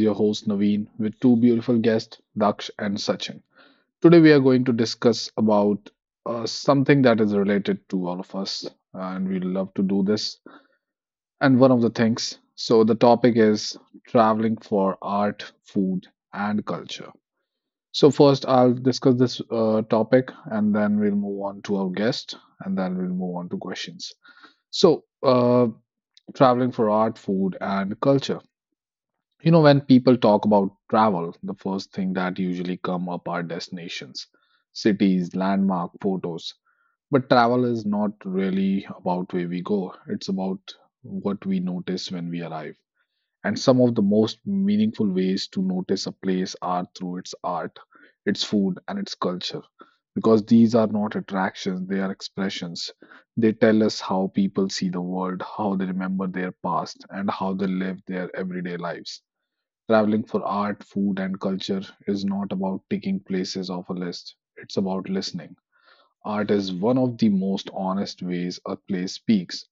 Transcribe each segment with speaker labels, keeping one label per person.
Speaker 1: your host Naveen with two beautiful guests, Daksh and Sachin. Today, we are going to discuss about something that is related to all of us, and we love to do this. And one of the things, so the topic is traveling for art, food, and culture. So first, I'll discuss this topic, and then we'll move on to our guest, and then we'll move on to questions. So, traveling for art, food, and culture. You know, when people talk about travel, the first thing that usually come up are destinations, cities, landmark photos. But travel is not really about where we go. It's about what we notice when we arrive. And some of the most meaningful ways to notice a place are through its art, its food, and its culture. Because these are not attractions, they are expressions. They tell us how people see the world, how they remember their past, and how they live their everyday lives. Traveling for art, food, and culture is not about ticking places off a list, it's about listening. Art is one of the most honest ways a place speaks.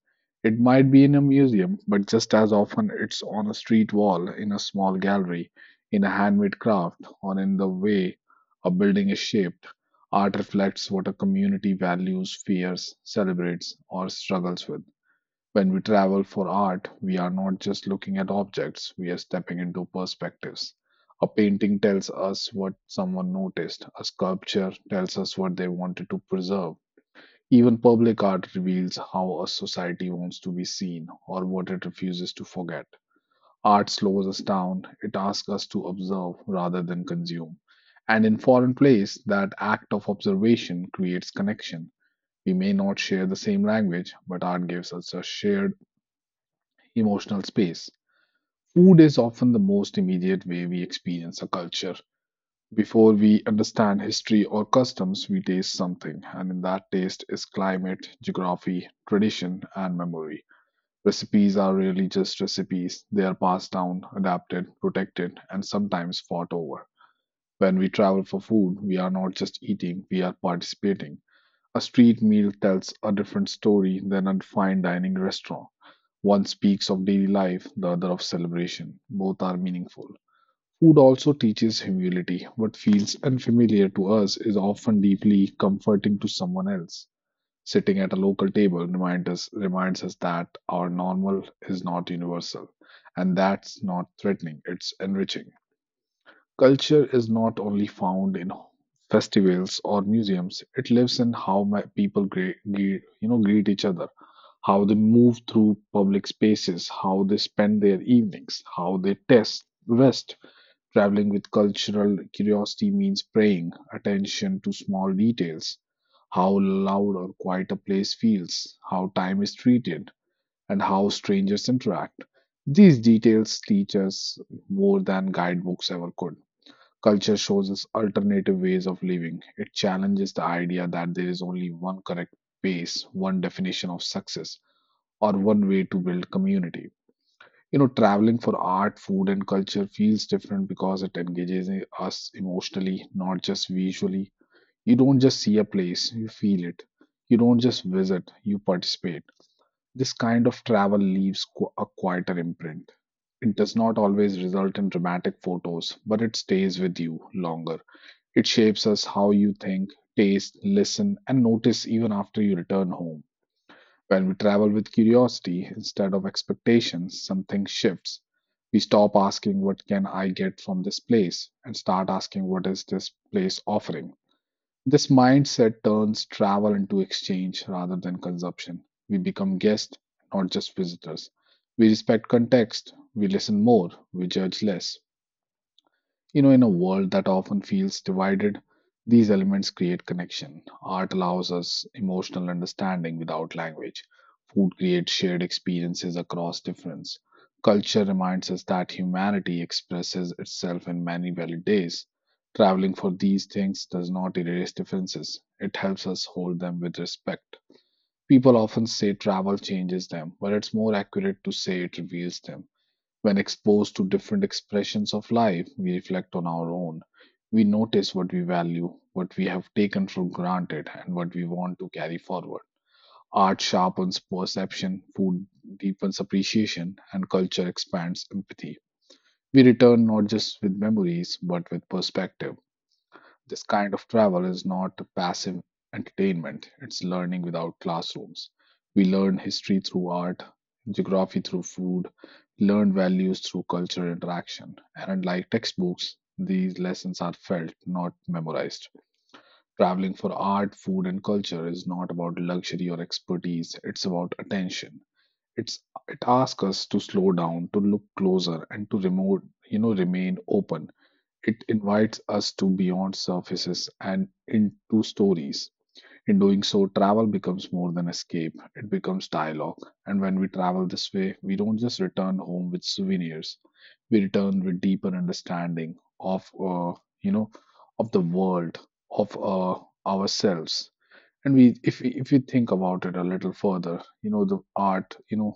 Speaker 1: It might be in a museum, but just as often it's on a street wall, in a small gallery, in a handmade craft, or in the way a building is shaped. Art reflects what a community values, fears, celebrates, or struggles with. When we travel for art, we are not just looking at objects, we are stepping into perspectives. A painting tells us what someone noticed, a sculpture tells us what they wanted to preserve. Even public art reveals how a society wants to be seen or what it refuses to forget. Art slows us down, it asks us to observe rather than consume. And in foreign plays, that act of observation creates connection. We may not share the same language, but art gives us a shared emotional space. Food is often the most immediate way we experience a culture. Before we understand history or customs, we taste something, and in that taste is climate, geography, tradition, and memory. Recipes are really just recipes, they are passed down, adapted, protected, and sometimes fought over. When we travel for food, we are not just eating, we are participating. A street meal tells a different story than a fine dining restaurant. One speaks of daily life, the other of celebration. Both are meaningful. Food also teaches humility. What feels unfamiliar to us is often deeply comforting to someone else. Sitting at a local table reminds us that our normal is not universal. And that's not threatening, it's enriching. Culture is not only found in festivals or museums. It lives in how my people greet, greet each other, how they move through public spaces, how they spend their evenings, how they test rest. Traveling with cultural curiosity means praying attention to small details, how loud or quiet a place feels, how time is treated, and how strangers interact. These details teach us more than guidebooks ever could. Culture shows us alternative ways of living. It challenges the idea that there is only one correct pace, one definition of success, or one way to build community. You know, traveling for art, food, and culture feels different because it engages us emotionally, not just visually. You don't just see a place, you feel it. You don't just visit, you participate. This kind of travel leaves a quieter imprint. It does not always result in dramatic photos, but it stays with you longer. It shapes us how you think, taste, listen, and notice even after you return home. When we travel with curiosity instead of expectations, something shifts. We stop asking, What can I get from this place? And start asking, What is this place offering? This mindset turns travel into exchange rather than consumption. We become guests, not just visitors. We respect context, we listen more, we judge less. You know, in a world that often feels divided, these elements create connection. Art allows us emotional understanding without language. Food creates shared experiences across difference. Culture reminds us that humanity expresses itself in many valid ways. Traveling for these things does not erase differences, it helps us hold them with respect. People often say travel changes them, but it's more accurate to say it reveals them. When exposed to different expressions of life, we reflect on our own. We notice what we value, what we have taken for granted, and what we want to carry forward. Art sharpens perception, food deepens appreciation, and culture expands empathy. We return not just with memories, but with perspective. This kind of travel is not a passive entertainment, it's learning without classrooms. We learn history through art, geography through food, learn values through culture interaction. And unlike textbooks, these lessons are felt, not memorized. Traveling for art, food, and culture is not about luxury or expertise, it's about attention. It's it asks us to slow down, to look closer, and to remote, you know, remain open it invites us to beyond surfaces and into stories. In doing so, travel becomes more than escape, it becomes dialogue. And when we travel this way, we don't just return home with souvenirs, we return with deeper understanding you know, of the world, of ourselves and we, if you think about it a little further you know the art you know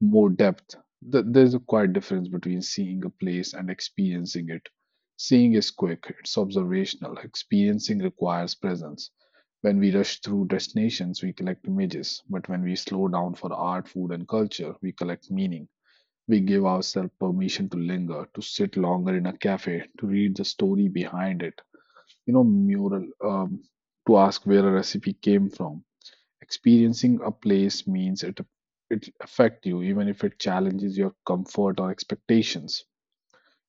Speaker 1: more depth There's a quite difference between seeing a place and experiencing it seeing is quick it's observational experiencing requires presence when we rush through destinations we collect images but when we slow down for art food and culture we collect meaning we give ourselves permission to linger to sit longer in a cafe to read the story behind it you know mural to ask where a recipe came from. Experiencing a place means it affect you even if it challenges your comfort or expectations.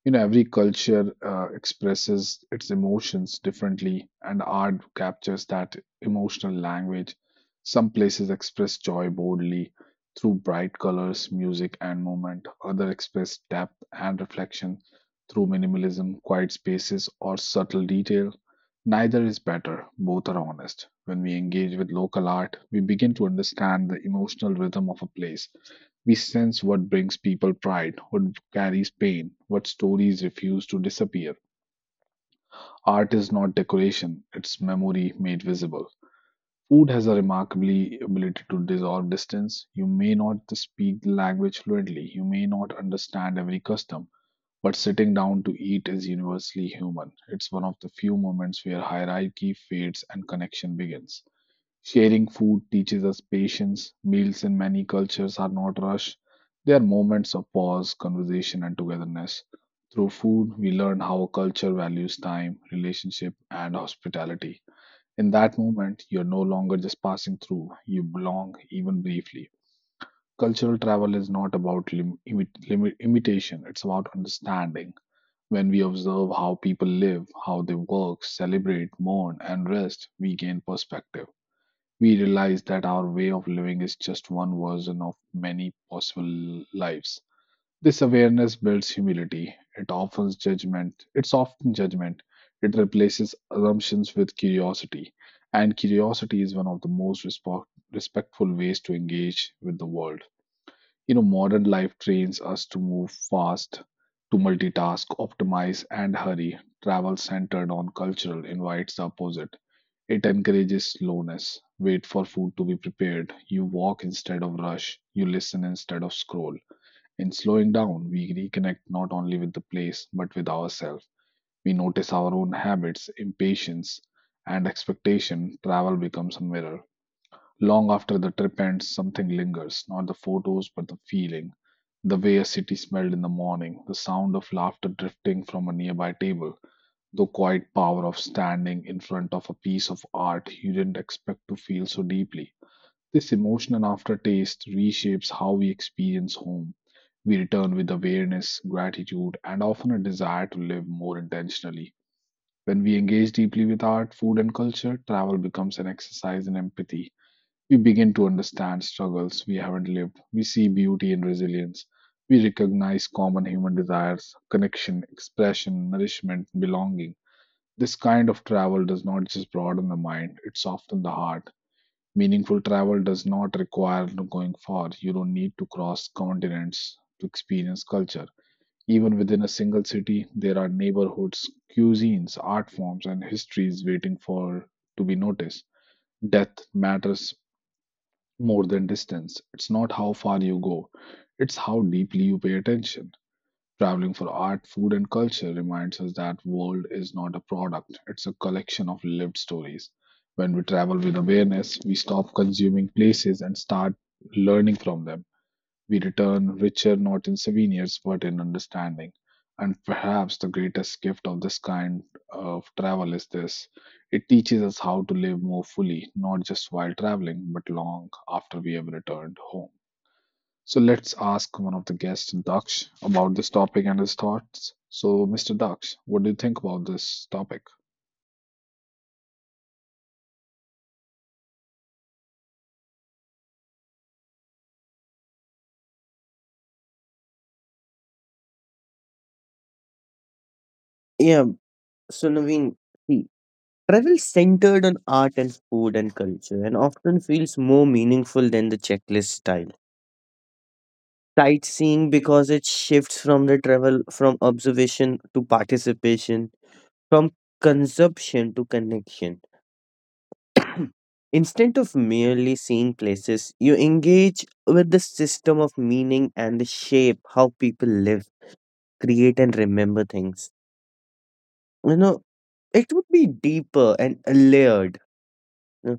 Speaker 1: You know, every culture expresses its emotions differently, and art captures that emotional language. Some places express joy boldly through bright colors, music, and movement. Others express depth and reflection through minimalism, quiet spaces, or subtle detail. Neither is better, both are honest. When we engage with local art, we begin to understand the emotional rhythm of a place. We sense what brings people pride, what carries pain, what stories refuse to disappear. Art is not decoration, it's memory made visible. Food has a remarkably ability to dissolve distance. You may not speak the language fluently, you may not understand every custom, but sitting down to eat is universally human. It's one of the few moments where hierarchy fades and connection begins. Sharing food teaches us patience. Meals in many cultures are not rushed, they are moments of pause, conversation, and togetherness. Through food, we learn how a culture values time, relationship, and hospitality. In that moment, you're no longer just passing through, you belong even briefly. Cultural travel is not about imitation, it's about understanding. When we observe how people live, how they work, celebrate, mourn, and rest, we gain perspective. We realize that our way of living is just one version of many possible lives. This awareness builds humility. It offers judgment. It softens judgment. It replaces assumptions with curiosity. And curiosity is one of the most respectful ways to engage with the world. You know, modern life trains us to move fast, to multitask, optimize, and hurry. Travel centered on cultural invites the opposite. It encourages slowness. Wait for food to be prepared. You walk instead of rush. You listen instead of scroll. In slowing down, we reconnect not only with the place, but with ourselves. We notice our own habits, impatience, and expectation. Travel becomes a mirror. Long after the trip ends, something lingers, not the photos, but the feeling. The way a city smelled in the morning, the sound of laughter drifting from a nearby table, the quiet power of standing in front of a piece of art you didn't expect to feel so deeply. This emotional aftertaste reshapes how we experience home. We return with awareness, gratitude, and often a desire to live more intentionally. When we engage deeply with art, food, and culture, travel becomes an exercise in empathy we begin to understand struggles we haven't lived. We see beauty in resilience. We recognize common human desires, connection, expression, nourishment, belonging. This kind of travel does not just broaden the mind, it softens the heart. Meaningful travel does not require no going far. You don't need to cross continents to experience culture. Even within a single city, there are neighborhoods, cuisines, art forms, and histories waiting for to be noticed. Death matters more than distance. It's not how far you go, it's how deeply you pay attention. Traveling for art, food, and culture reminds us that world is not a product, it's a collection of lived stories. When we travel with awareness, we stop consuming places and start learning from them. We return richer not in souvenirs but in understanding. And perhaps the greatest gift of this kind of travel is this it teaches us how to live more fully, not just while traveling, but long after we have returned home. So let's ask one of the guests, Daksh, about this topic and his thoughts. So, Mr. Daksh, what do you think about this topic?
Speaker 2: Yeah, so Naveen, see, travel centered on art and food and culture and often feels more meaningful than the checklist style sightseeing, because it shifts from the travel from observation to participation, from consumption to connection. Instead of merely seeing places, you engage with the system of meaning and the shape how people live, create, and remember things. You know, it would be deeper and layered. Uh,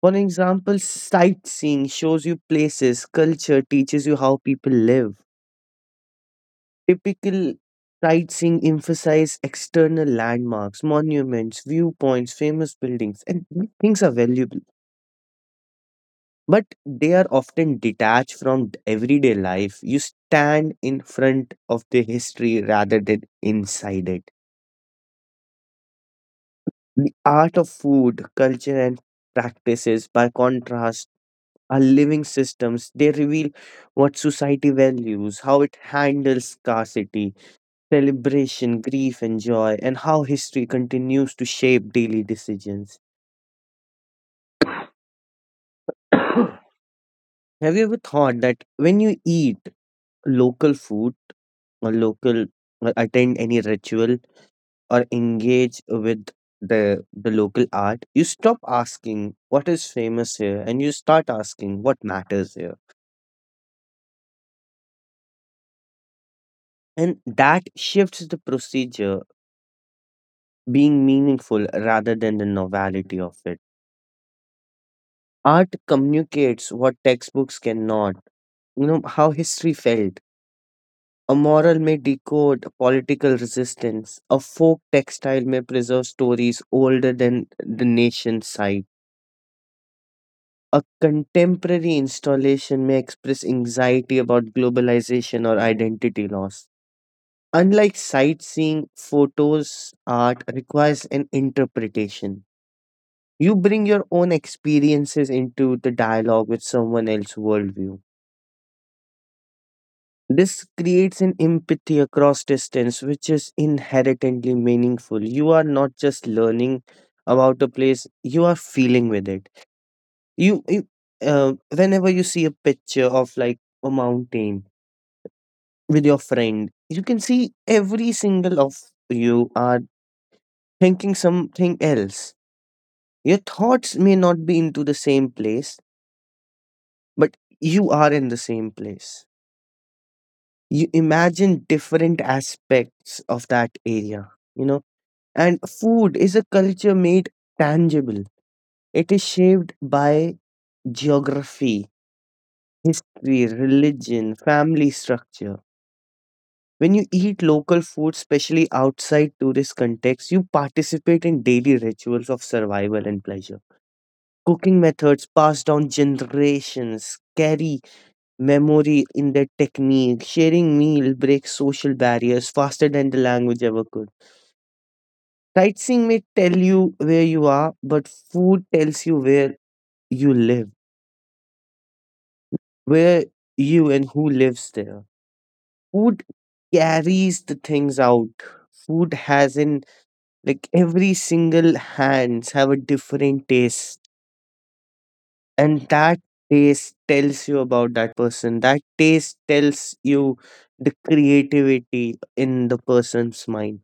Speaker 2: For example, sightseeing shows you places, culture teaches you how people live. Typical sightseeing emphasize external landmarks, monuments, viewpoints, famous buildings, and these things are valuable. But they are often detached from everyday life. You stand in front of the history rather than inside it. The art of food, culture, and practices, by contrast, are living systems. They reveal what society values, how it handles scarcity, celebration, grief, and joy, and how history continues to shape daily decisions. Have you ever thought that when you eat local food or local or attend any ritual or engage with the local art, you stop asking what is famous here and you start asking what matters here? And that shifts the procedure being meaningful rather than the novelty of it. Art communicates what textbooks cannot, you know, how history felt. A moral may decode political resistance. A folk textile may preserve stories older than the nation's site. A contemporary installation may express anxiety about globalization or identity loss. Unlike sightseeing, photos, art requires an interpretation. You bring your own experiences into the dialogue with someone else's worldview. This creates an empathy across distance, which is inherently meaningful. You are not just learning about a place, you are feeling with it. You whenever you see a picture of like a mountain with your friend, you can see every single of you are thinking something else. Your thoughts may not be into the same place, but you are in the same place. You imagine different aspects of that area, you know. And food is a culture made tangible. It is shaped by geography, history, religion, family structure. When you eat local food, especially outside tourist context, you participate in daily rituals of survival and pleasure. Cooking methods passed down generations carry memory in their technique. Sharing meal breaks social barriers faster than the language ever could. Sightseeing may tell you where you are, but food tells you where you live, where you and who lives there. Food carries the things out. Food has in like every single hands have a different taste, and that taste tells you about that person. That taste tells you the creativity in the person's mind.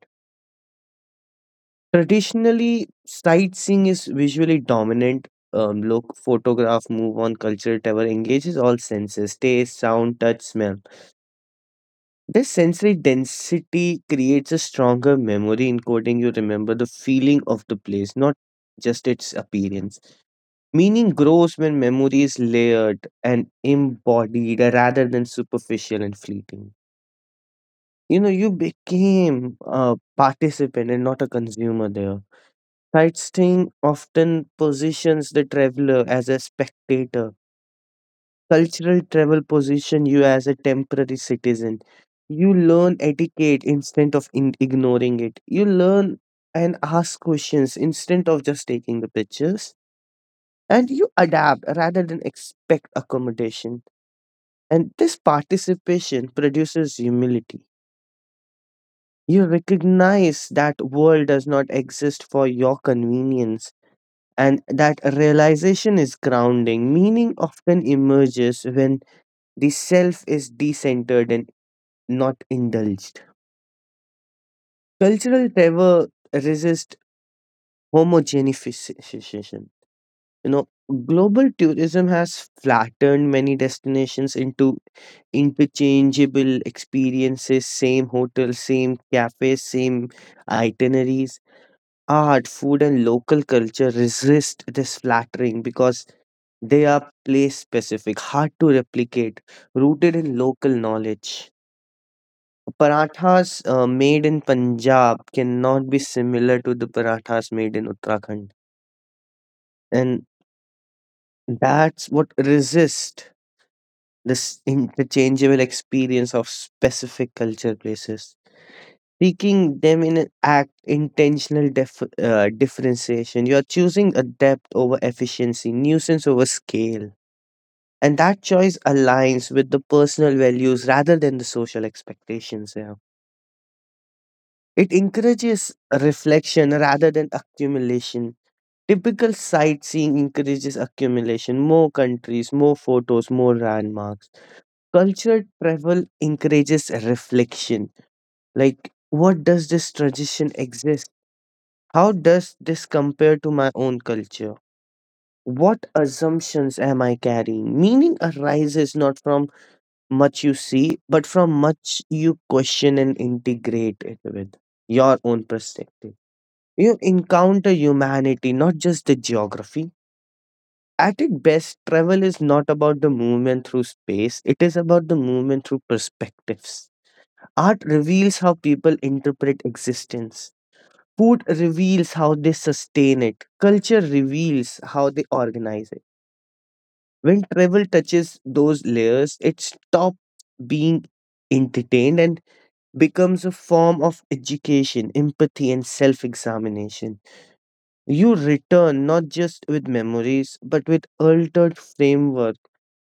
Speaker 2: Traditionally, sightseeing is visually dominant. Look, photograph, move on, culture, whatever engages all senses, taste, sound, touch, smell. This sensory density creates a stronger memory encoding. You remember the feeling of the place, not just its appearance. Meaning grows when memory is layered and embodied rather than superficial and fleeting. You know, you became a participant and not a consumer there. Sightseeing often positions the traveler as a spectator. Cultural travel positions you as a temporary citizen. You learn etiquette instead of ignoring it. You learn and ask questions instead of just taking the pictures. And you adapt rather than expect accommodation. And this participation produces humility. You recognize that world does not exist for your convenience, and that realization is grounding. Meaning often emerges when the self is decentered and not indulged. Cultural terror resist homogenification. You know, global tourism has flattened many destinations into interchangeable experiences, same hotels, same cafes, same itineraries. Art, food, and local culture resist this flattering because they are place specific, hard to replicate, rooted in local knowledge. Parathas made in Punjab cannot be similar to the parathas made in Uttarakhand. And that's what resists this interchangeable experience of specific culture places. Speaking them in an act intentional differentiation. You're choosing a depth over efficiency, nuisance over scale. And that choice aligns with the personal values rather than the social expectations. Yeah. It encourages reflection rather than accumulation. Typical sightseeing encourages accumulation, more countries, more photos, more landmarks. Cultural travel encourages reflection. Like, what does this tradition exist? How does this compare to my own culture? What assumptions am I carrying? Meaning arises not from much you see, but from much you question and integrate it with your own perspective. You encounter humanity, not just the geography. At its best, travel is not about the movement through space, it is about the movement through perspectives. Art reveals how people interpret existence. Food reveals how they sustain it. Culture reveals how they organize it. When travel touches those layers, it stops being entertained and becomes a form of education, empathy, and self examination. You return not just with memories, but with altered framework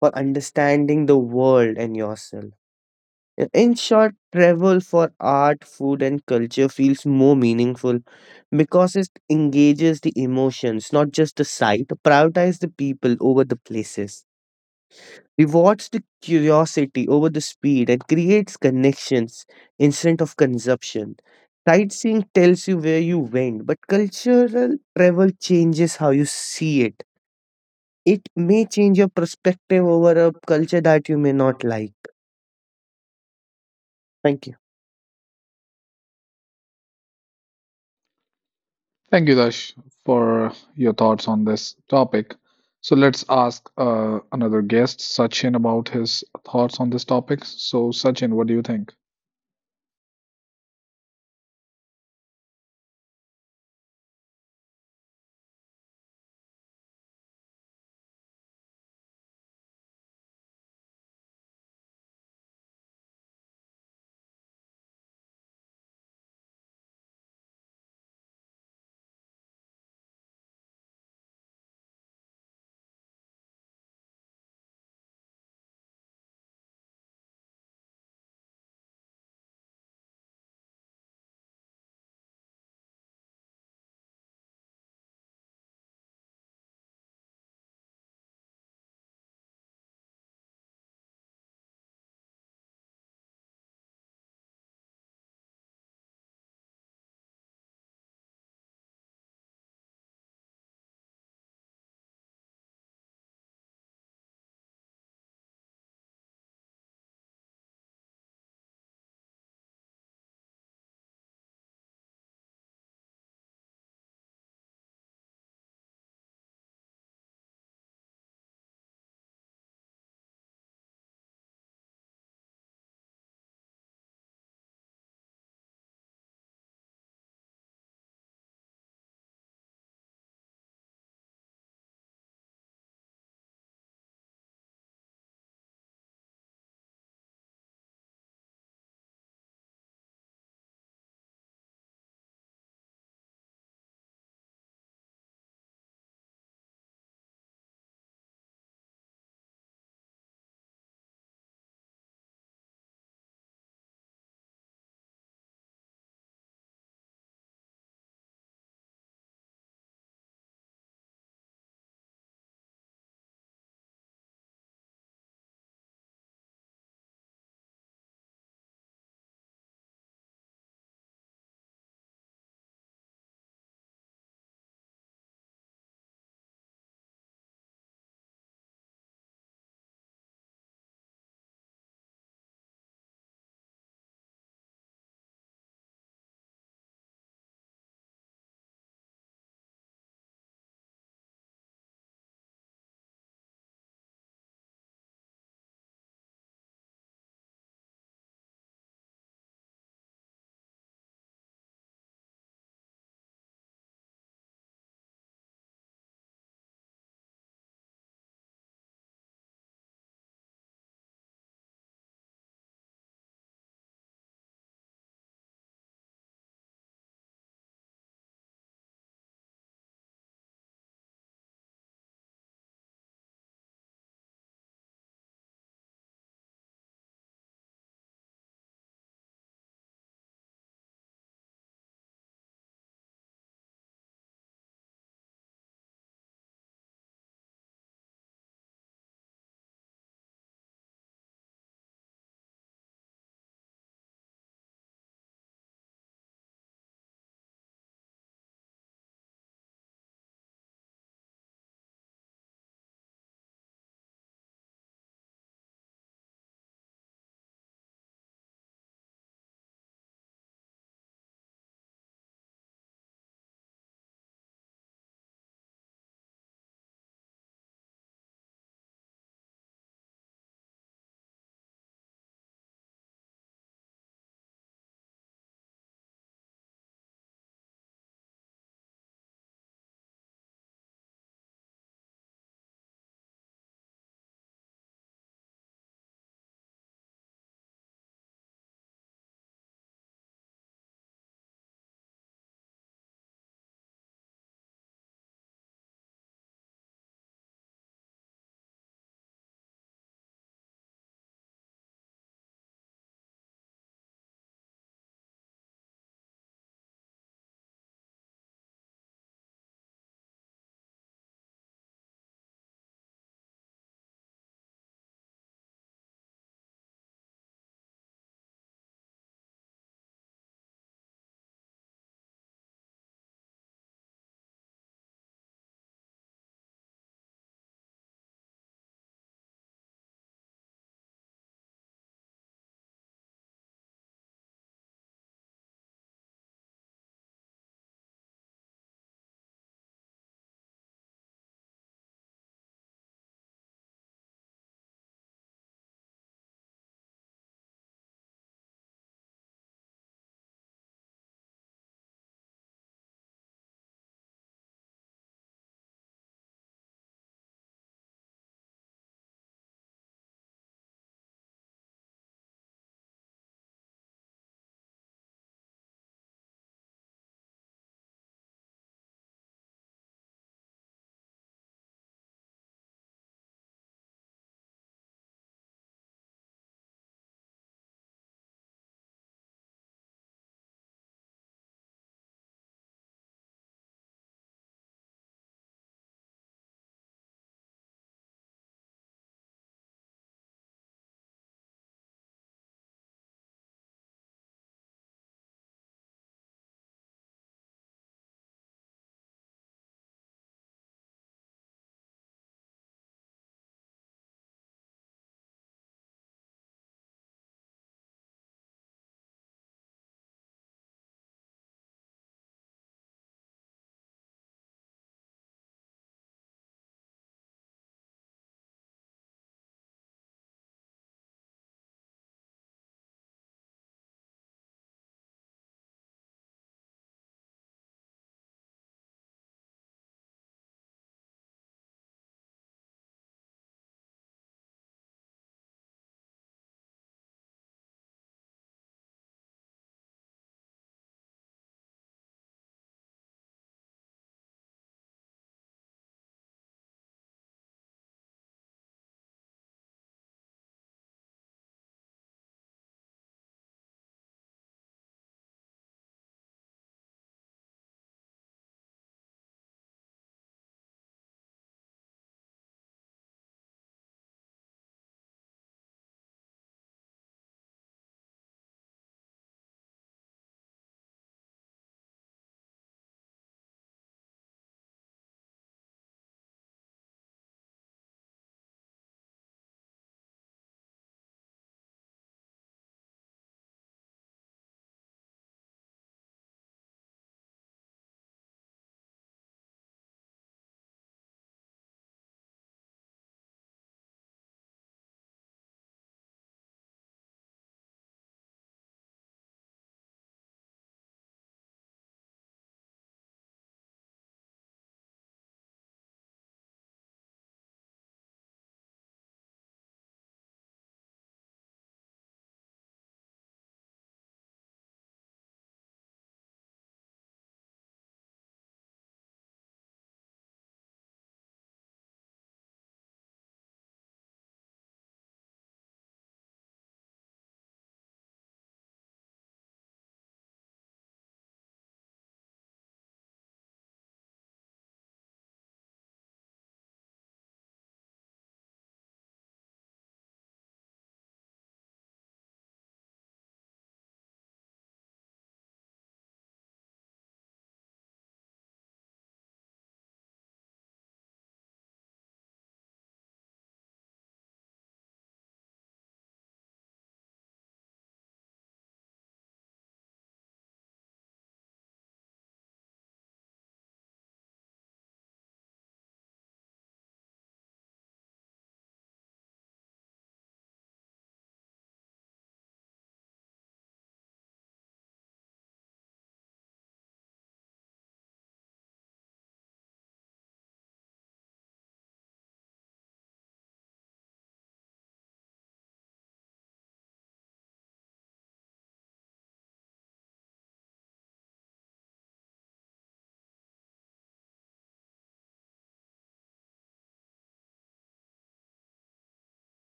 Speaker 2: for understanding the world and yourself. In short, travel for art, food, and culture feels more meaningful because it engages the emotions, not just the sight, prioritize the people over the places, rewards the curiosity over the speed, and creates connections instead of consumption. Sightseeing tells you where you went, but cultural travel changes how you see it. It may change your perspective over a culture that you may not like. Thank you.
Speaker 1: Thank you, Dash, for your thoughts on this topic. So let's ask another guest, Sachin, about his thoughts on this topic. So, Sachin, what do you think?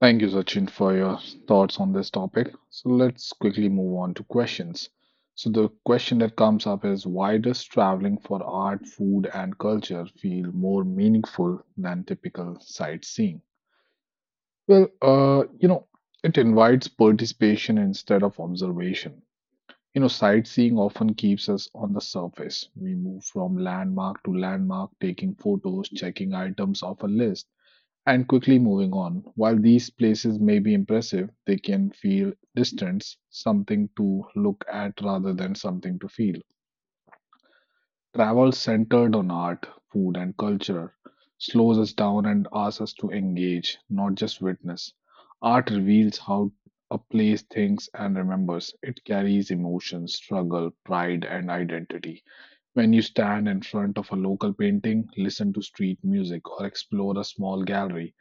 Speaker 1: Thank you, Sachin, for your thoughts on this topic. So let's quickly move on to questions. So the question that comes up is why does traveling for art, food, and culture feel more meaningful than typical sightseeing? Well, it invites participation instead of observation. You know, sightseeing often keeps us on the surface. We move from landmark to landmark, taking photos, checking items off a list, and quickly moving on. While these places may be impressive, they can feel distance, something to look at rather than something to feel. Travel centered on art, food, and culture slows us down and asks us to engage, not just witness. Art reveals how a place thinks and remembers. It carries emotion, struggle, pride, and identity. When you stand in front of a local painting, listen to street music, or explore a small gallery,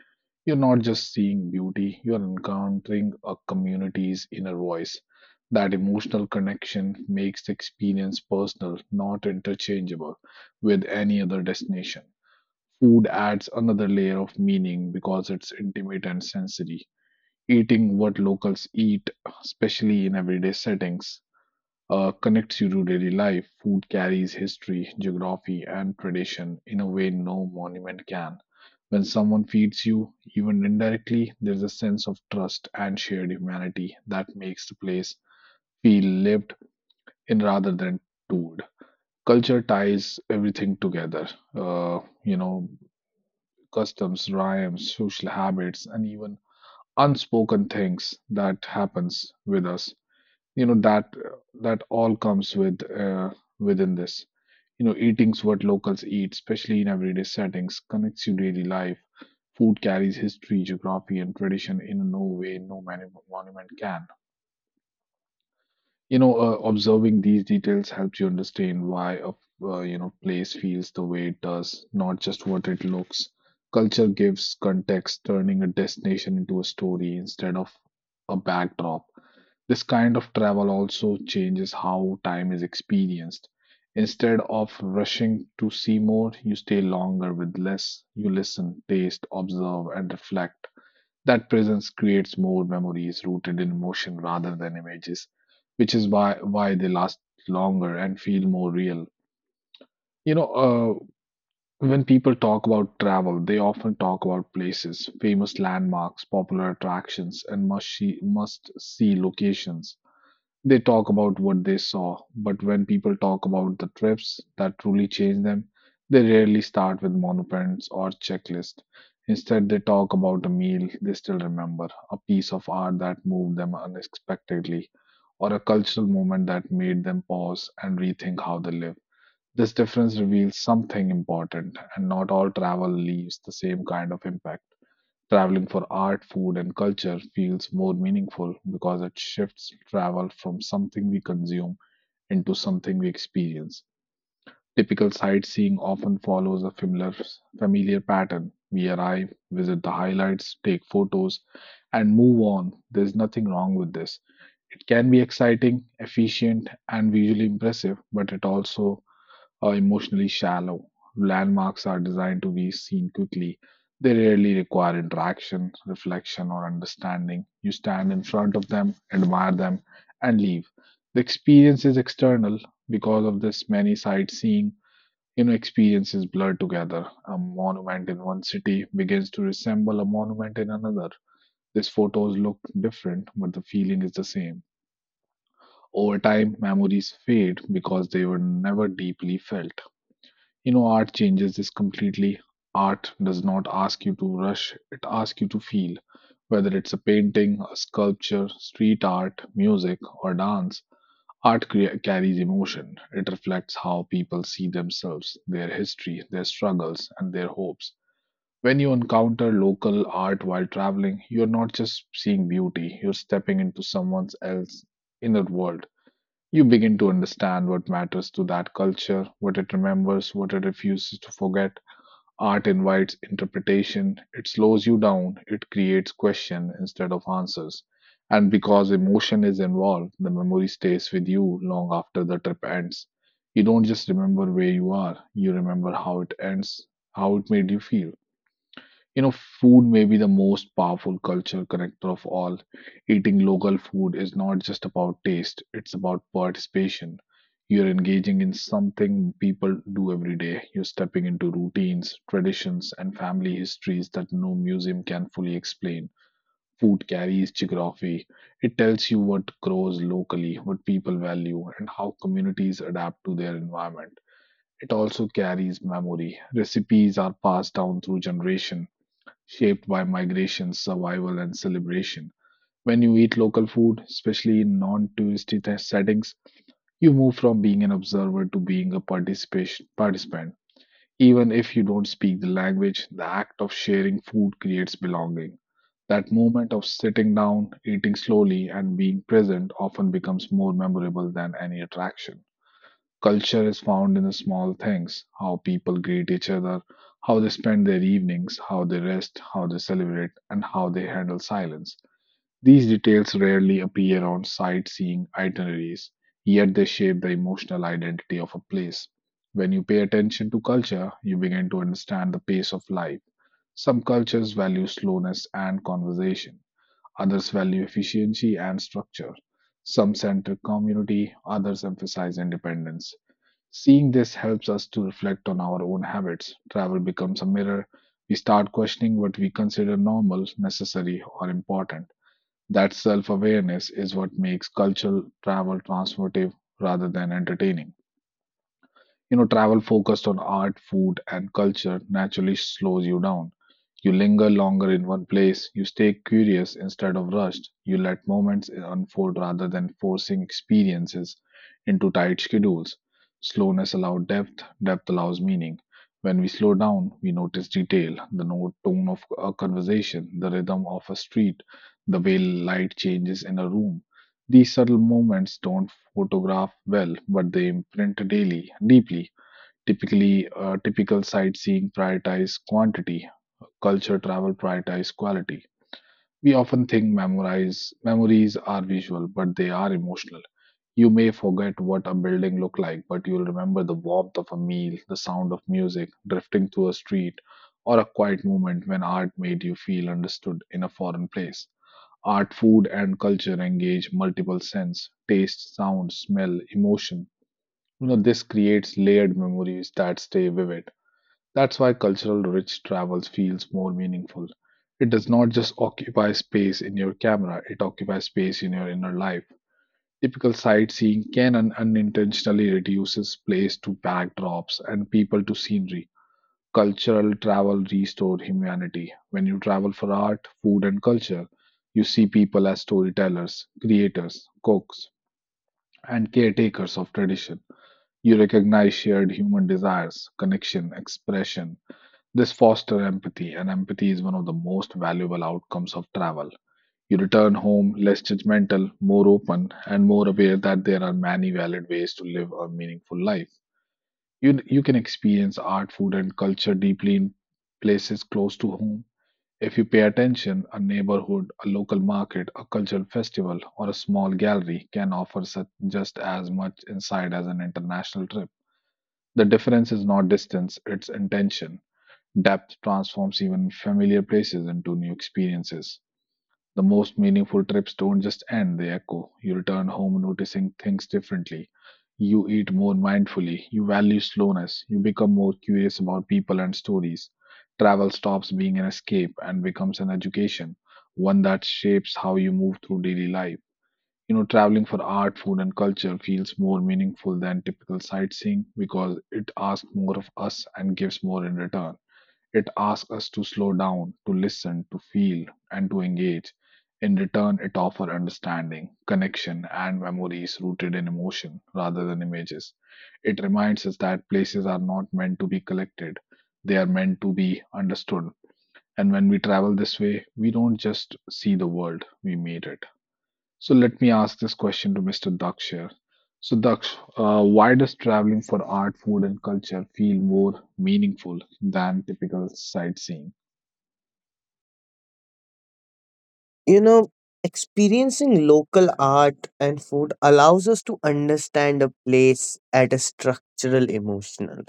Speaker 1: you're not just seeing beauty, you're encountering a community's inner voice. That emotional connection makes the experience personal, not interchangeable with any other destination. Food adds another layer of meaning because it's intimate and sensory. Eating what locals eat, especially in everyday settings, connects you to daily life. Food carries history, geography, and tradition in a way no monument can. When someone feeds you, even indirectly, there's a sense of trust and shared humanity that makes the place feel lived in rather than told. Culture ties everything together. Uh, you know, customs, rhymes, social habits, and even unspoken things that happens with us you know that that all comes with within this you know eating's what locals eat especially in everyday settings connects you daily life food carries history geography and tradition in no way no monument can observing these details helps you understand why a place feels the way it does not just what it looks culture gives context turning a destination into a story instead of a backdrop this kind of travel also changes how time is experienced. Instead of rushing to see more, you stay longer with less. You listen, taste, observe, and reflect. That presence creates more memories rooted in emotion rather than images, which is why they last longer and feel more real. You know, uh, when people talk about travel, they often talk about places, famous landmarks, popular attractions, and must see locations they talk about what they saw, but when people talk about the trips that truly changed them, they rarely start with monuments or checklist. Instead, they talk about a meal they still remember, a piece of art that moved them unexpectedly, or a cultural moment that made them pause and rethink how they live. This difference reveals something important, and not all travel leaves the same kind of impact. Traveling for art, food, and culture feels more meaningful because it shifts travel from something we consume into something we experience. Typical sightseeing often follows a familiar pattern. We arrive, visit the highlights, take photos, and move on. There's nothing wrong with this. It can be exciting, efficient, and visually impressive, but it also are emotionally shallow. Landmarks are designed to be seen quickly. They rarely require interaction, reflection, or understanding. You stand in front of them, admire them, and leave. The experience is external. Because of this, many sightseeing experiences blur together. A monument in one city begins to resemble a monument in another. These photos look different, but the feeling is the same. Over time, memories fade because they were never deeply felt. Art changes this completely. Art does not ask you to rush, it asks you to feel. Whether it's a painting, a sculpture, street art, music, or dance, carries emotion. It reflects how people see themselves, their history, their struggles, and their hopes. When you encounter local art while traveling, you're not just seeing beauty, you're stepping into someone else's inner world. You begin to understand what matters to that culture, what it remembers, what it refuses to forget. Art invites interpretation, it slows you down, it creates questions instead of answers. And because emotion is involved, the memory stays with you long after the trip ends. You don't just remember where you are, you remember how it ends, how it made you feel. You know, food may be the most powerful cultural connector of all. Eating local food is not just about taste, it's about participation. You're engaging in something people do every day. You're stepping into routines, traditions, and family histories that no museum can fully explain. Food carries geography. It tells you what grows locally, what people value, and how communities adapt to their environment. It also carries memory. Recipes are passed down through generations shaped by migration, survival, and celebration. When you eat local food, especially in settings, you move from being an observer to being a participation participant. Even if you don't speak the language, the act of sharing food creates belonging. That moment of sitting down, eating slowly, and being present often becomes more memorable than any attraction. Culture is found in the small things how people greet each other, how they spend their evenings, how they rest, how they celebrate, and how they handle silence. These details rarely appear on sightseeing itineraries, yet they shape the emotional identity of a place. When you pay attention to culture, you begin to understand the pace of life. Some cultures value slowness and conversation, others value efficiency and structure. Some center community, others emphasize independence. Seeing this helps us to reflect on our own habits. Travel becomes a mirror. We start questioning what we consider normal, necessary, or important. That self awareness is what makes cultural travel transformative rather than entertaining. Travel focused on art, food, and culture naturally slows you down. You linger longer in one place, you stay curious instead of rushed, you let moments unfold rather than forcing experiences into tight schedules. Slowness allows depth, depth allows meaning. When we slow down, we notice detail, the tone of a conversation, the rhythm of a street, the way light changes in a room. These subtle moments don't photograph well, but they imprint daily, deeply. Typical sightseeing prioritize quantity, culture travel prioritize quality. We often think memorize memories are visual, but they are emotional. You may forget what a building looked like, but you'll remember the warmth of a meal, the sound of music, drifting through a street, or a quiet moment when art made you feel understood in a foreign place. Art, food, and culture engage multiple sense, taste, sound, smell, emotion. This creates layered memories that stay vivid. That's why cultural rich travel feels more meaningful. It does not just occupy space in your camera, it occupies space in your inner life. Typical sightseeing can unintentionally reduces place to backdrops and people to scenery. Cultural travel restores humanity. When you travel for art, food, and culture, you see people as storytellers, creators, cooks, and caretakers of tradition. You recognize shared human desires, connection, expression, this fosters empathy, and empathy is one of the most valuable outcomes of travel. You return home less judgmental, more open, and more aware that there are many valid ways to live a meaningful life. You can experience art, food, and culture deeply in places close to home. If you pay attention, a neighborhood, a local market, a cultural festival, or a small gallery can offer such just as much insight as an international trip. The difference is not distance, it's intention. Depth transforms even familiar places into new experiences. The most meaningful trips don't just end, they echo. You return home noticing things differently. You eat more mindfully. You value slowness. You become more curious about people and stories. Travel stops being an escape and becomes an education, one that shapes how you move through daily life. Traveling for art, food, and culture feels more meaningful than typical sightseeing because it asks more of us and gives more in return. It asks us to slow down, to listen, to feel, and to engage. In return, it offers understanding, connection, and memories rooted in emotion rather than images. It reminds us that places are not meant to be collected, they are meant to be understood. And when we travel this way, we don't just see the world, we meet it. So let me ask this question to Mr. Daksh here. So, Daksh, why does traveling for art, food, and culture feel more meaningful than typical sightseeing?
Speaker 2: You know, experiencing local art and food allows us to understand a place at a structural, emotional,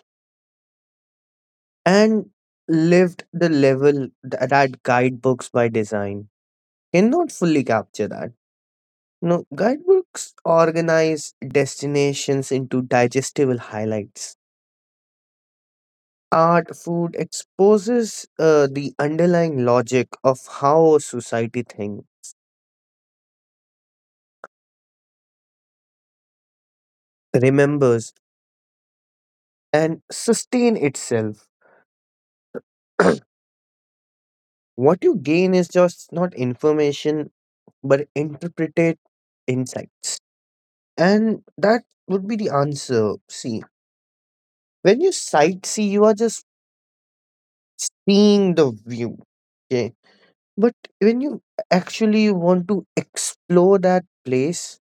Speaker 2: and lived the level that guidebooks by design cannot fully capture that. You know, guidebooks organize destinations into digestible highlights. Art food exposes the underlying logic of how a society thinks, remembers, and sustain itself. What you gain is just not information, but interpreted insights. And that would be the answer. See, when you sightsee, you are just seeing the view. Okay. But when you actually want to explore that place,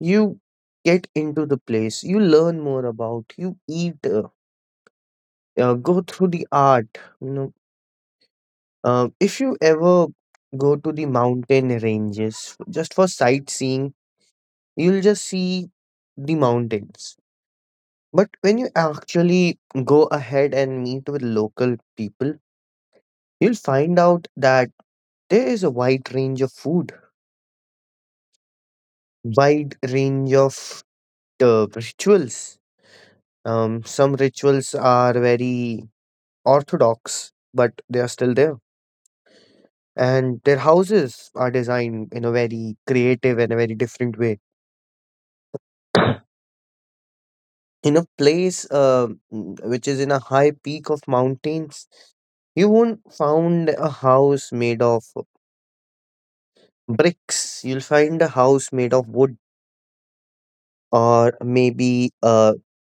Speaker 2: you get into the place, you learn more about, you eat, go through the art. You know, if you ever go to the mountain ranges just for sightseeing, you'll just see the mountains. But when you actually go ahead and meet with local people, you'll find out that there is a wide range of food, wide range of rituals. Some rituals are very orthodox, but they are still there. And their houses are designed in a very creative and a very different way. In a place which is in a high peak of mountains, you won't find a house made of bricks. You'll find a house made of wood, or maybe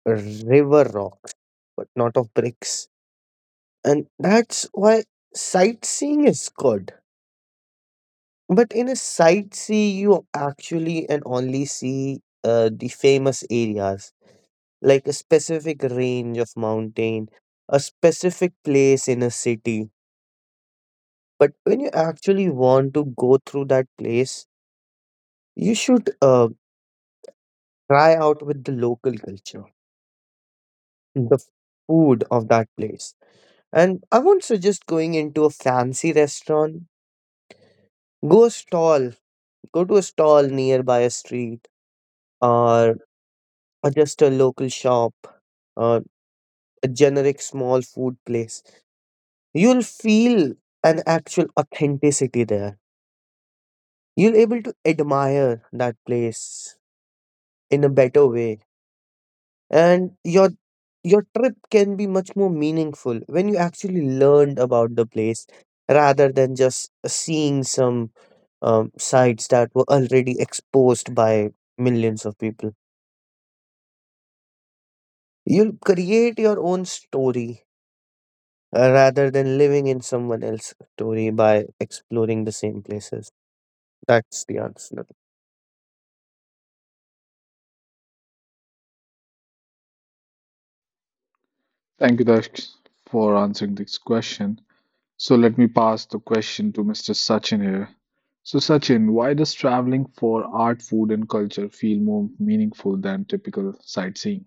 Speaker 2: river rocks, but not of bricks. And that's why sightseeing is good. But in a sightsee you actually and only see the famous areas, like a specific range of mountain, a specific place in a city. But when you actually want to go through that place, you should try out with the local culture, the food of that place. And I won't suggest going into a fancy restaurant. Go a stall, go to a stall nearby a street, or, or just a local shop or a generic small food place. You'll feel an actual authenticity there. You'll able to admire that place in a better way, and your trip can be much more meaningful when you actually learned about the place rather than just seeing some sites that were already exposed by millions of people. You'll create your own story rather than living in someone else's story by exploring the same places. That's the answer.
Speaker 1: Thank you, Dash, for answering this question. So let me pass the question to Mr. Sachin here. So, Sachin, why does traveling for art, food, and culture feel more meaningful than typical sightseeing?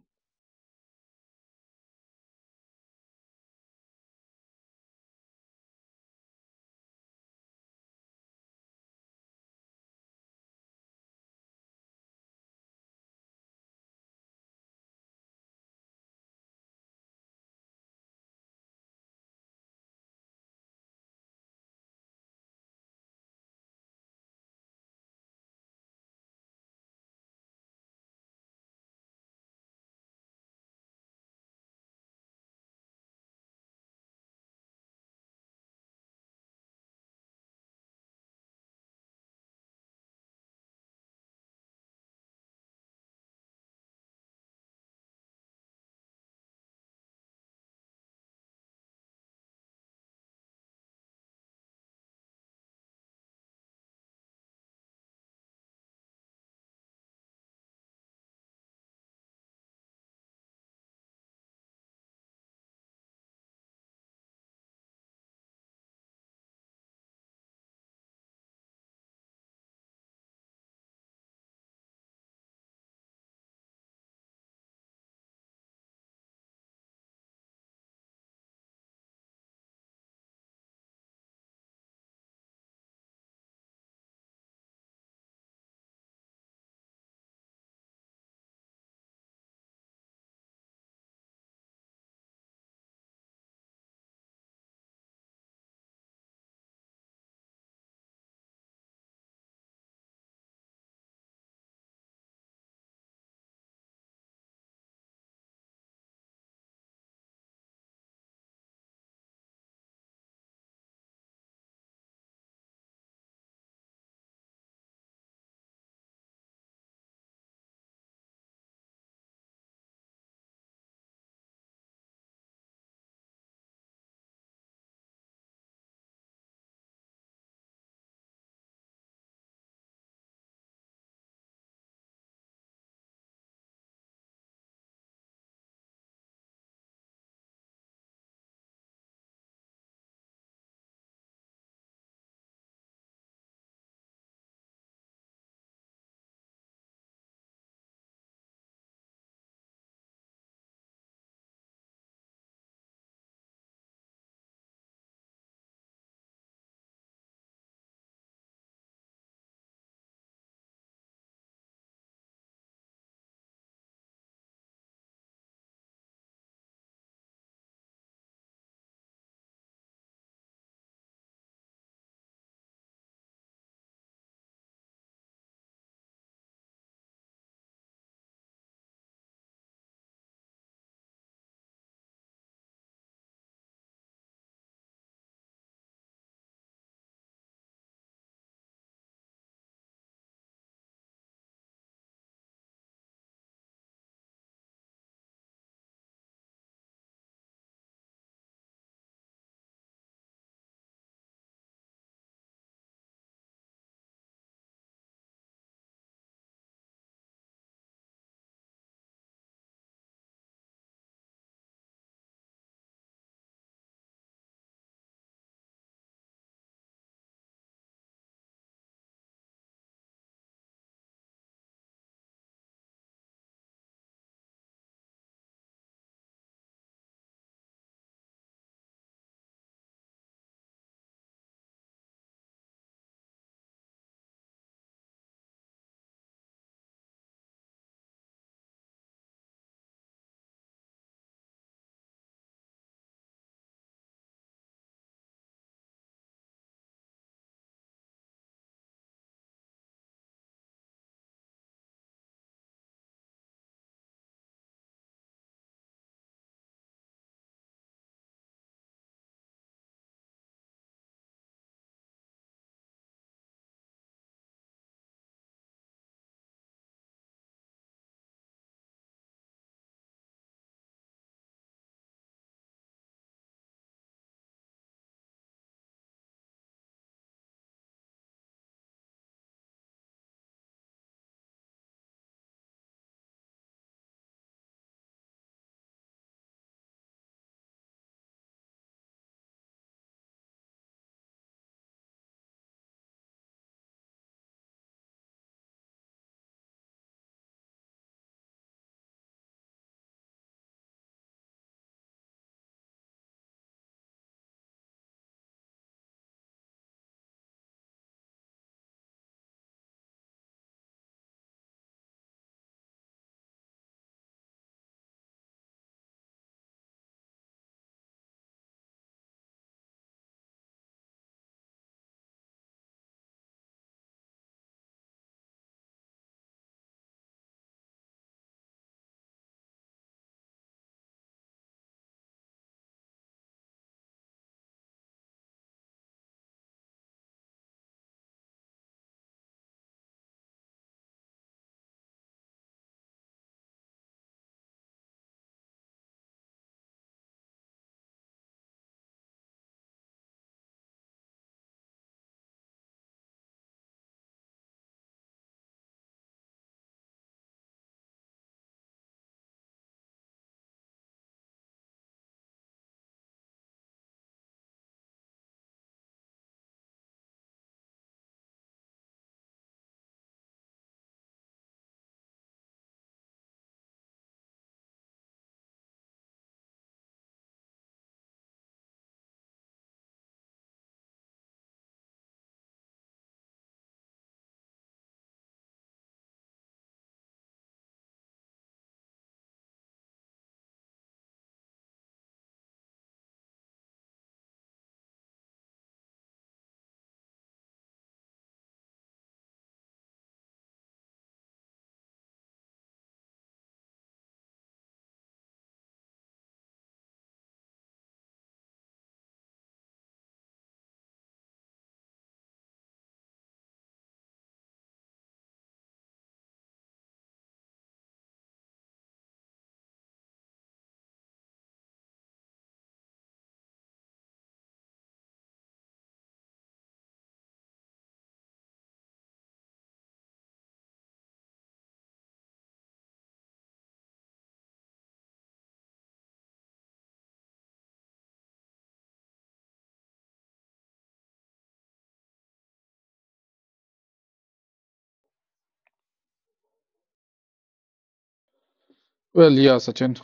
Speaker 1: Well, yeah, Sachin,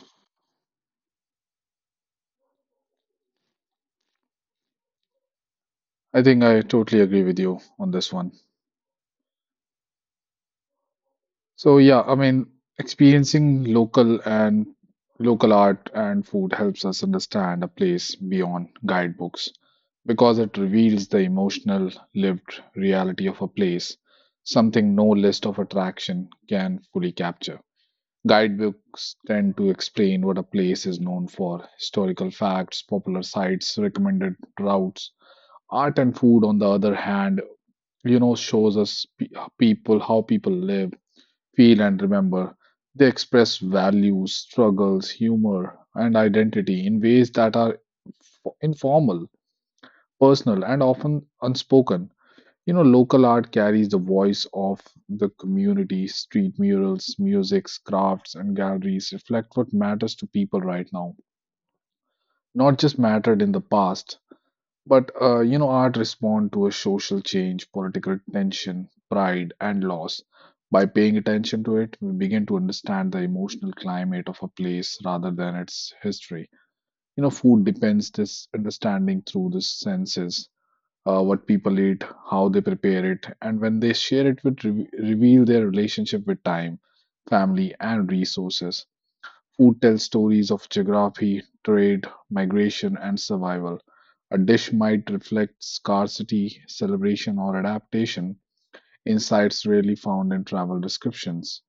Speaker 1: I think I totally agree with you on this one. So yeah, I mean, experiencing local and local art and food helps us understand a place beyond guidebooks because it reveals the emotional, lived reality of a place, something no list of attraction can fully capture. Guidebooks tend to explain what a place is known for, historical facts, popular sites, recommended routes. Art and food, on the other hand, you know, shows us people how people live. Feel and remember. They express values, struggles, humor, and identity in ways that are informal, personal, and often unspoken. You know, local art carries the voice of the community. Street murals, musics, crafts, and galleries reflect what matters to people right now, not just mattered in the past. But you know, art respond to a social change, political tension, pride, and loss. By paying attention to it, we begin to understand the emotional climate of a place rather than its history. You know, food depends this understanding through the senses, what people eat, how they prepare it, and when they share it, would re reveal their relationship with time, family, and resources. Food tells stories of geography, trade, migration, and survival. A dish might reflect scarcity, celebration, or adaptation, insights rarely found in travel descriptions.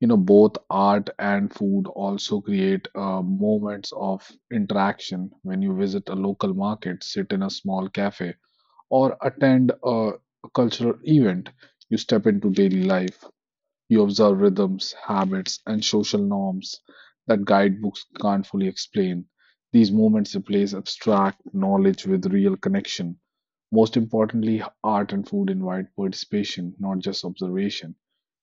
Speaker 1: You know, both art and food also create moments of interaction when you visit a local market, sit in a small cafe, or attend a cultural event. You step into daily life. You observe rhythms, habits, and social norms that guidebooks can't fully explain. These movements replace abstract knowledge with real connection. Most importantly, art and food invite participation, not just observation.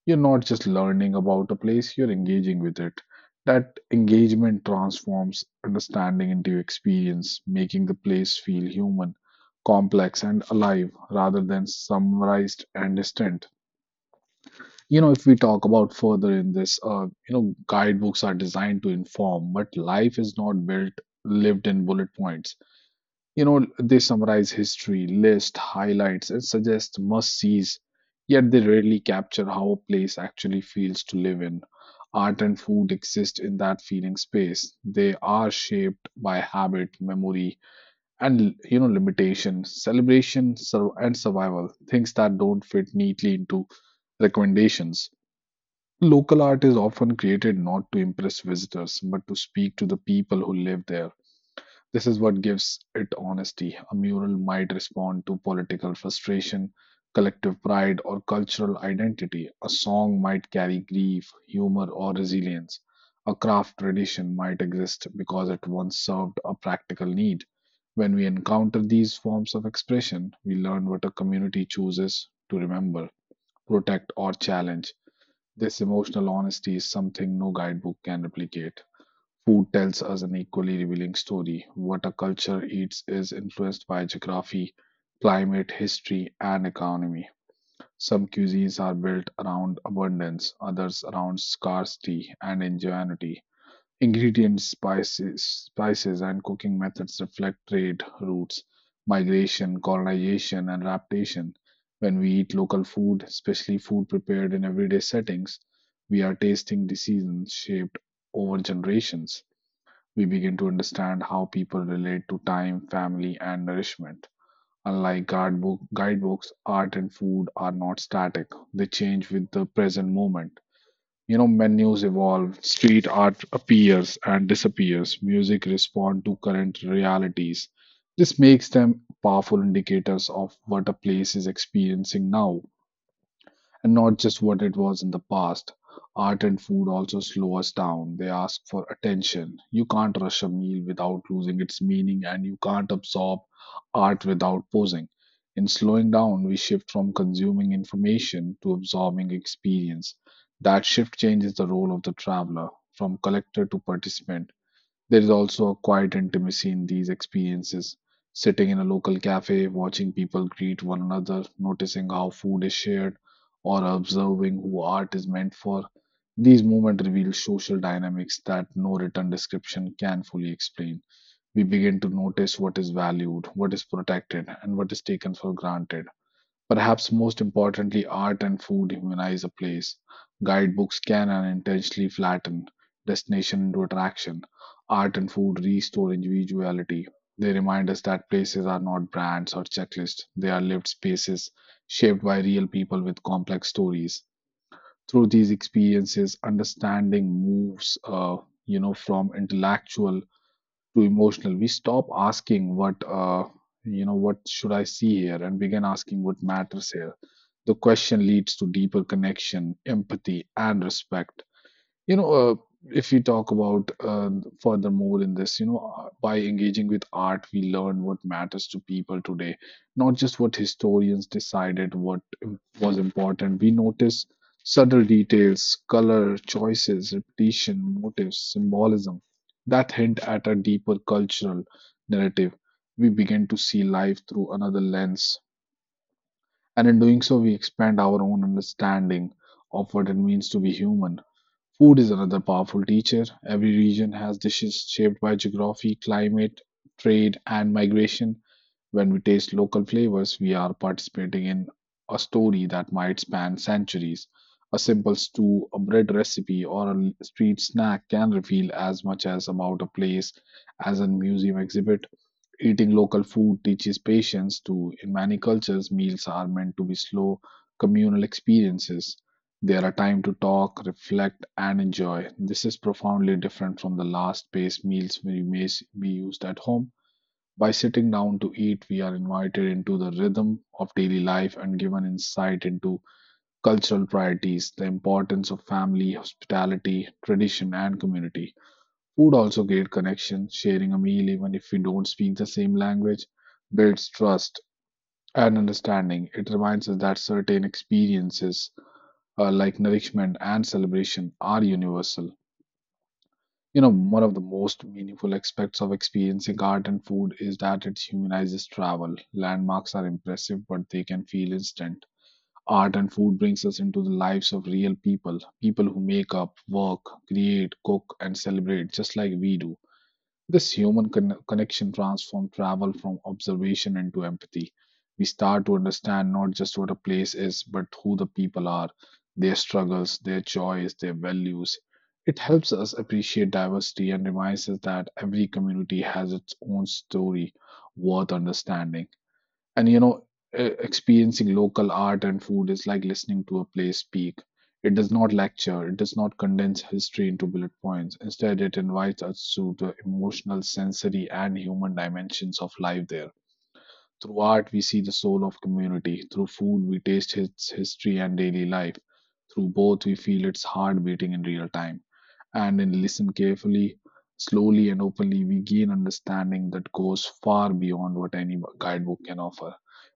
Speaker 1: You're not just learning about a place, you're engaging with it. That engagement transforms understanding into experience, making the place feel human, complex, and alive rather than summarized and distant. You know, if we talk about further in this, you know, guidebooks are designed to inform, but life is not built, lived in bullet points. You know, they summarize history, list highlights, and suggest must-sees, yet they rarely capture how a place actually feels to live in. Art and food exist in that feeling space. They are shaped by habit, memory, and you know, limitation, celebration, and survival, things that don't fit neatly into recommendations. Local art is often created not to impress visitors, but to speak to the people who live there. This is what gives it honesty. A mural might respond to political frustration, collective pride, or cultural identity. A song might carry grief, humor, or resilience. A craft tradition might exist because it once served a practical need. When we encounter these forms of expression, we learn what a community chooses to remember, protect, or challenge. This emotional honesty is something no guidebook can replicate. Food tells us an equally revealing story. What a culture eats is influenced by geography, climate, history, and economy. Some cuisines are built around abundance, others around scarcity and ingenuity. Ingredients, spices, and cooking methods reflect trade routes, migration, colonization, and adaptation. When we eat local food, especially food prepared in everyday settings, we are tasting decisions shaped over generations. We begin to understand how people relate to time, family, and nourishment. Unlike guidebooks, art and food are not static, they change with the present moment. You know, menus evolve, street art appears and disappears, music respond to current realities. This makes them powerful indicators of what a place is experiencing now and not just what it was in the past. Art and food also slow us down. They ask for attention. You can't rush a meal without losing its meaning, and you can't absorb art without pausing. In slowing down, we shift from consuming information to absorbing experience. That shift changes the role of the traveler from collector to participant. There is also a quiet intimacy in these experiences. Sitting in a local cafe, watching people greet one another, noticing how food is shared, or observing who art is meant for. These moments reveal social dynamics that no written description can fully explain. We begin to notice what is valued, what is protected, and what is taken for granted. Perhaps most importantly, art and food humanize a place. Guidebooks can unintentionally flatten destination into attraction. Art and food restore individuality. They remind us that places are not brands or checklists, they are lived spaces shaped by real people with complex stories. Through these experiences, understanding moves, you know, from intellectual too emotional. We stop asking what you know, what should I see here and begin asking what matters here. The question leads to deeper connection, empathy, and respect. You know, if we talk about furthermore in this, you know, by engaging with art, we learn what matters to people today, not just what historians decided what was important. We notice subtle details, color, choices, repetition, motives, symbolism that hint at a deeper cultural narrative. We begin to see life through another lens, and in doing so, we expand our own understanding of what it means to be human. Food is another powerful teacher. Every region has dishes shaped by geography, climate, trade, and migration. When we taste local flavors, we are participating in a story that might span centuries. A simple stew, a bread recipe, or a street snack can reveal as much as about a place as a museum exhibit. Eating local food teaches patience too. In many cultures, meals are meant to be slow, communal experiences. They are a time to talk, reflect, and enjoy. This is profoundly different from the fast paced meals we may be used at home. By sitting down to eat, we are invited into the rhythm of daily life and given insight into cultural priorities, the importance of family, hospitality, tradition, and community. Food also creates connection. Sharing a meal, even if we don't speak the same language, builds trust and understanding. It reminds us that certain experiences, like nourishment and celebration, are universal. You know, one of the most meaningful aspects of experiencing art and food is that it humanizes travel. Landmarks are impressive, but they can feel instant. Art and food brings us into the lives of real people, people who make up, work, create, cook, and celebrate just like we do. This human connection transforms travel from observation into empathy. We start to understand not just what a place is, but who the people are, their struggles, their joys, their values. It helps us appreciate diversity and reminds us that every community has its own story worth understanding. And you know, experiencing local art and food is like listening to a play speak. It does not lecture, it does not condense history into bullet points. Instead, it invites us to the emotional, sensory, and human dimensions of life there. Through art we see the soul of community, through food we taste its history and daily life, through both we feel its heart beating in real time. And then listen carefully, slowly and openly, we gain understanding that goes far beyond what any guidebook can offer.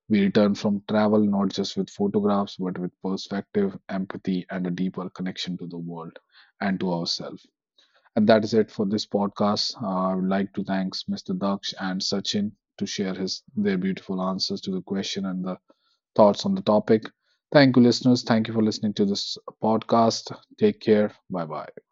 Speaker 1: We return from travel not just with photographs, but with perspective, empathy, and a deeper connection to the world and to ourselves. And that is it for this podcast. I would like to thank Mr. Daksh and Sachin to share his their beautiful answers to the question and the thoughts on the topic. Thank you, listeners. Thank you for listening to this podcast. Take care. Bye bye.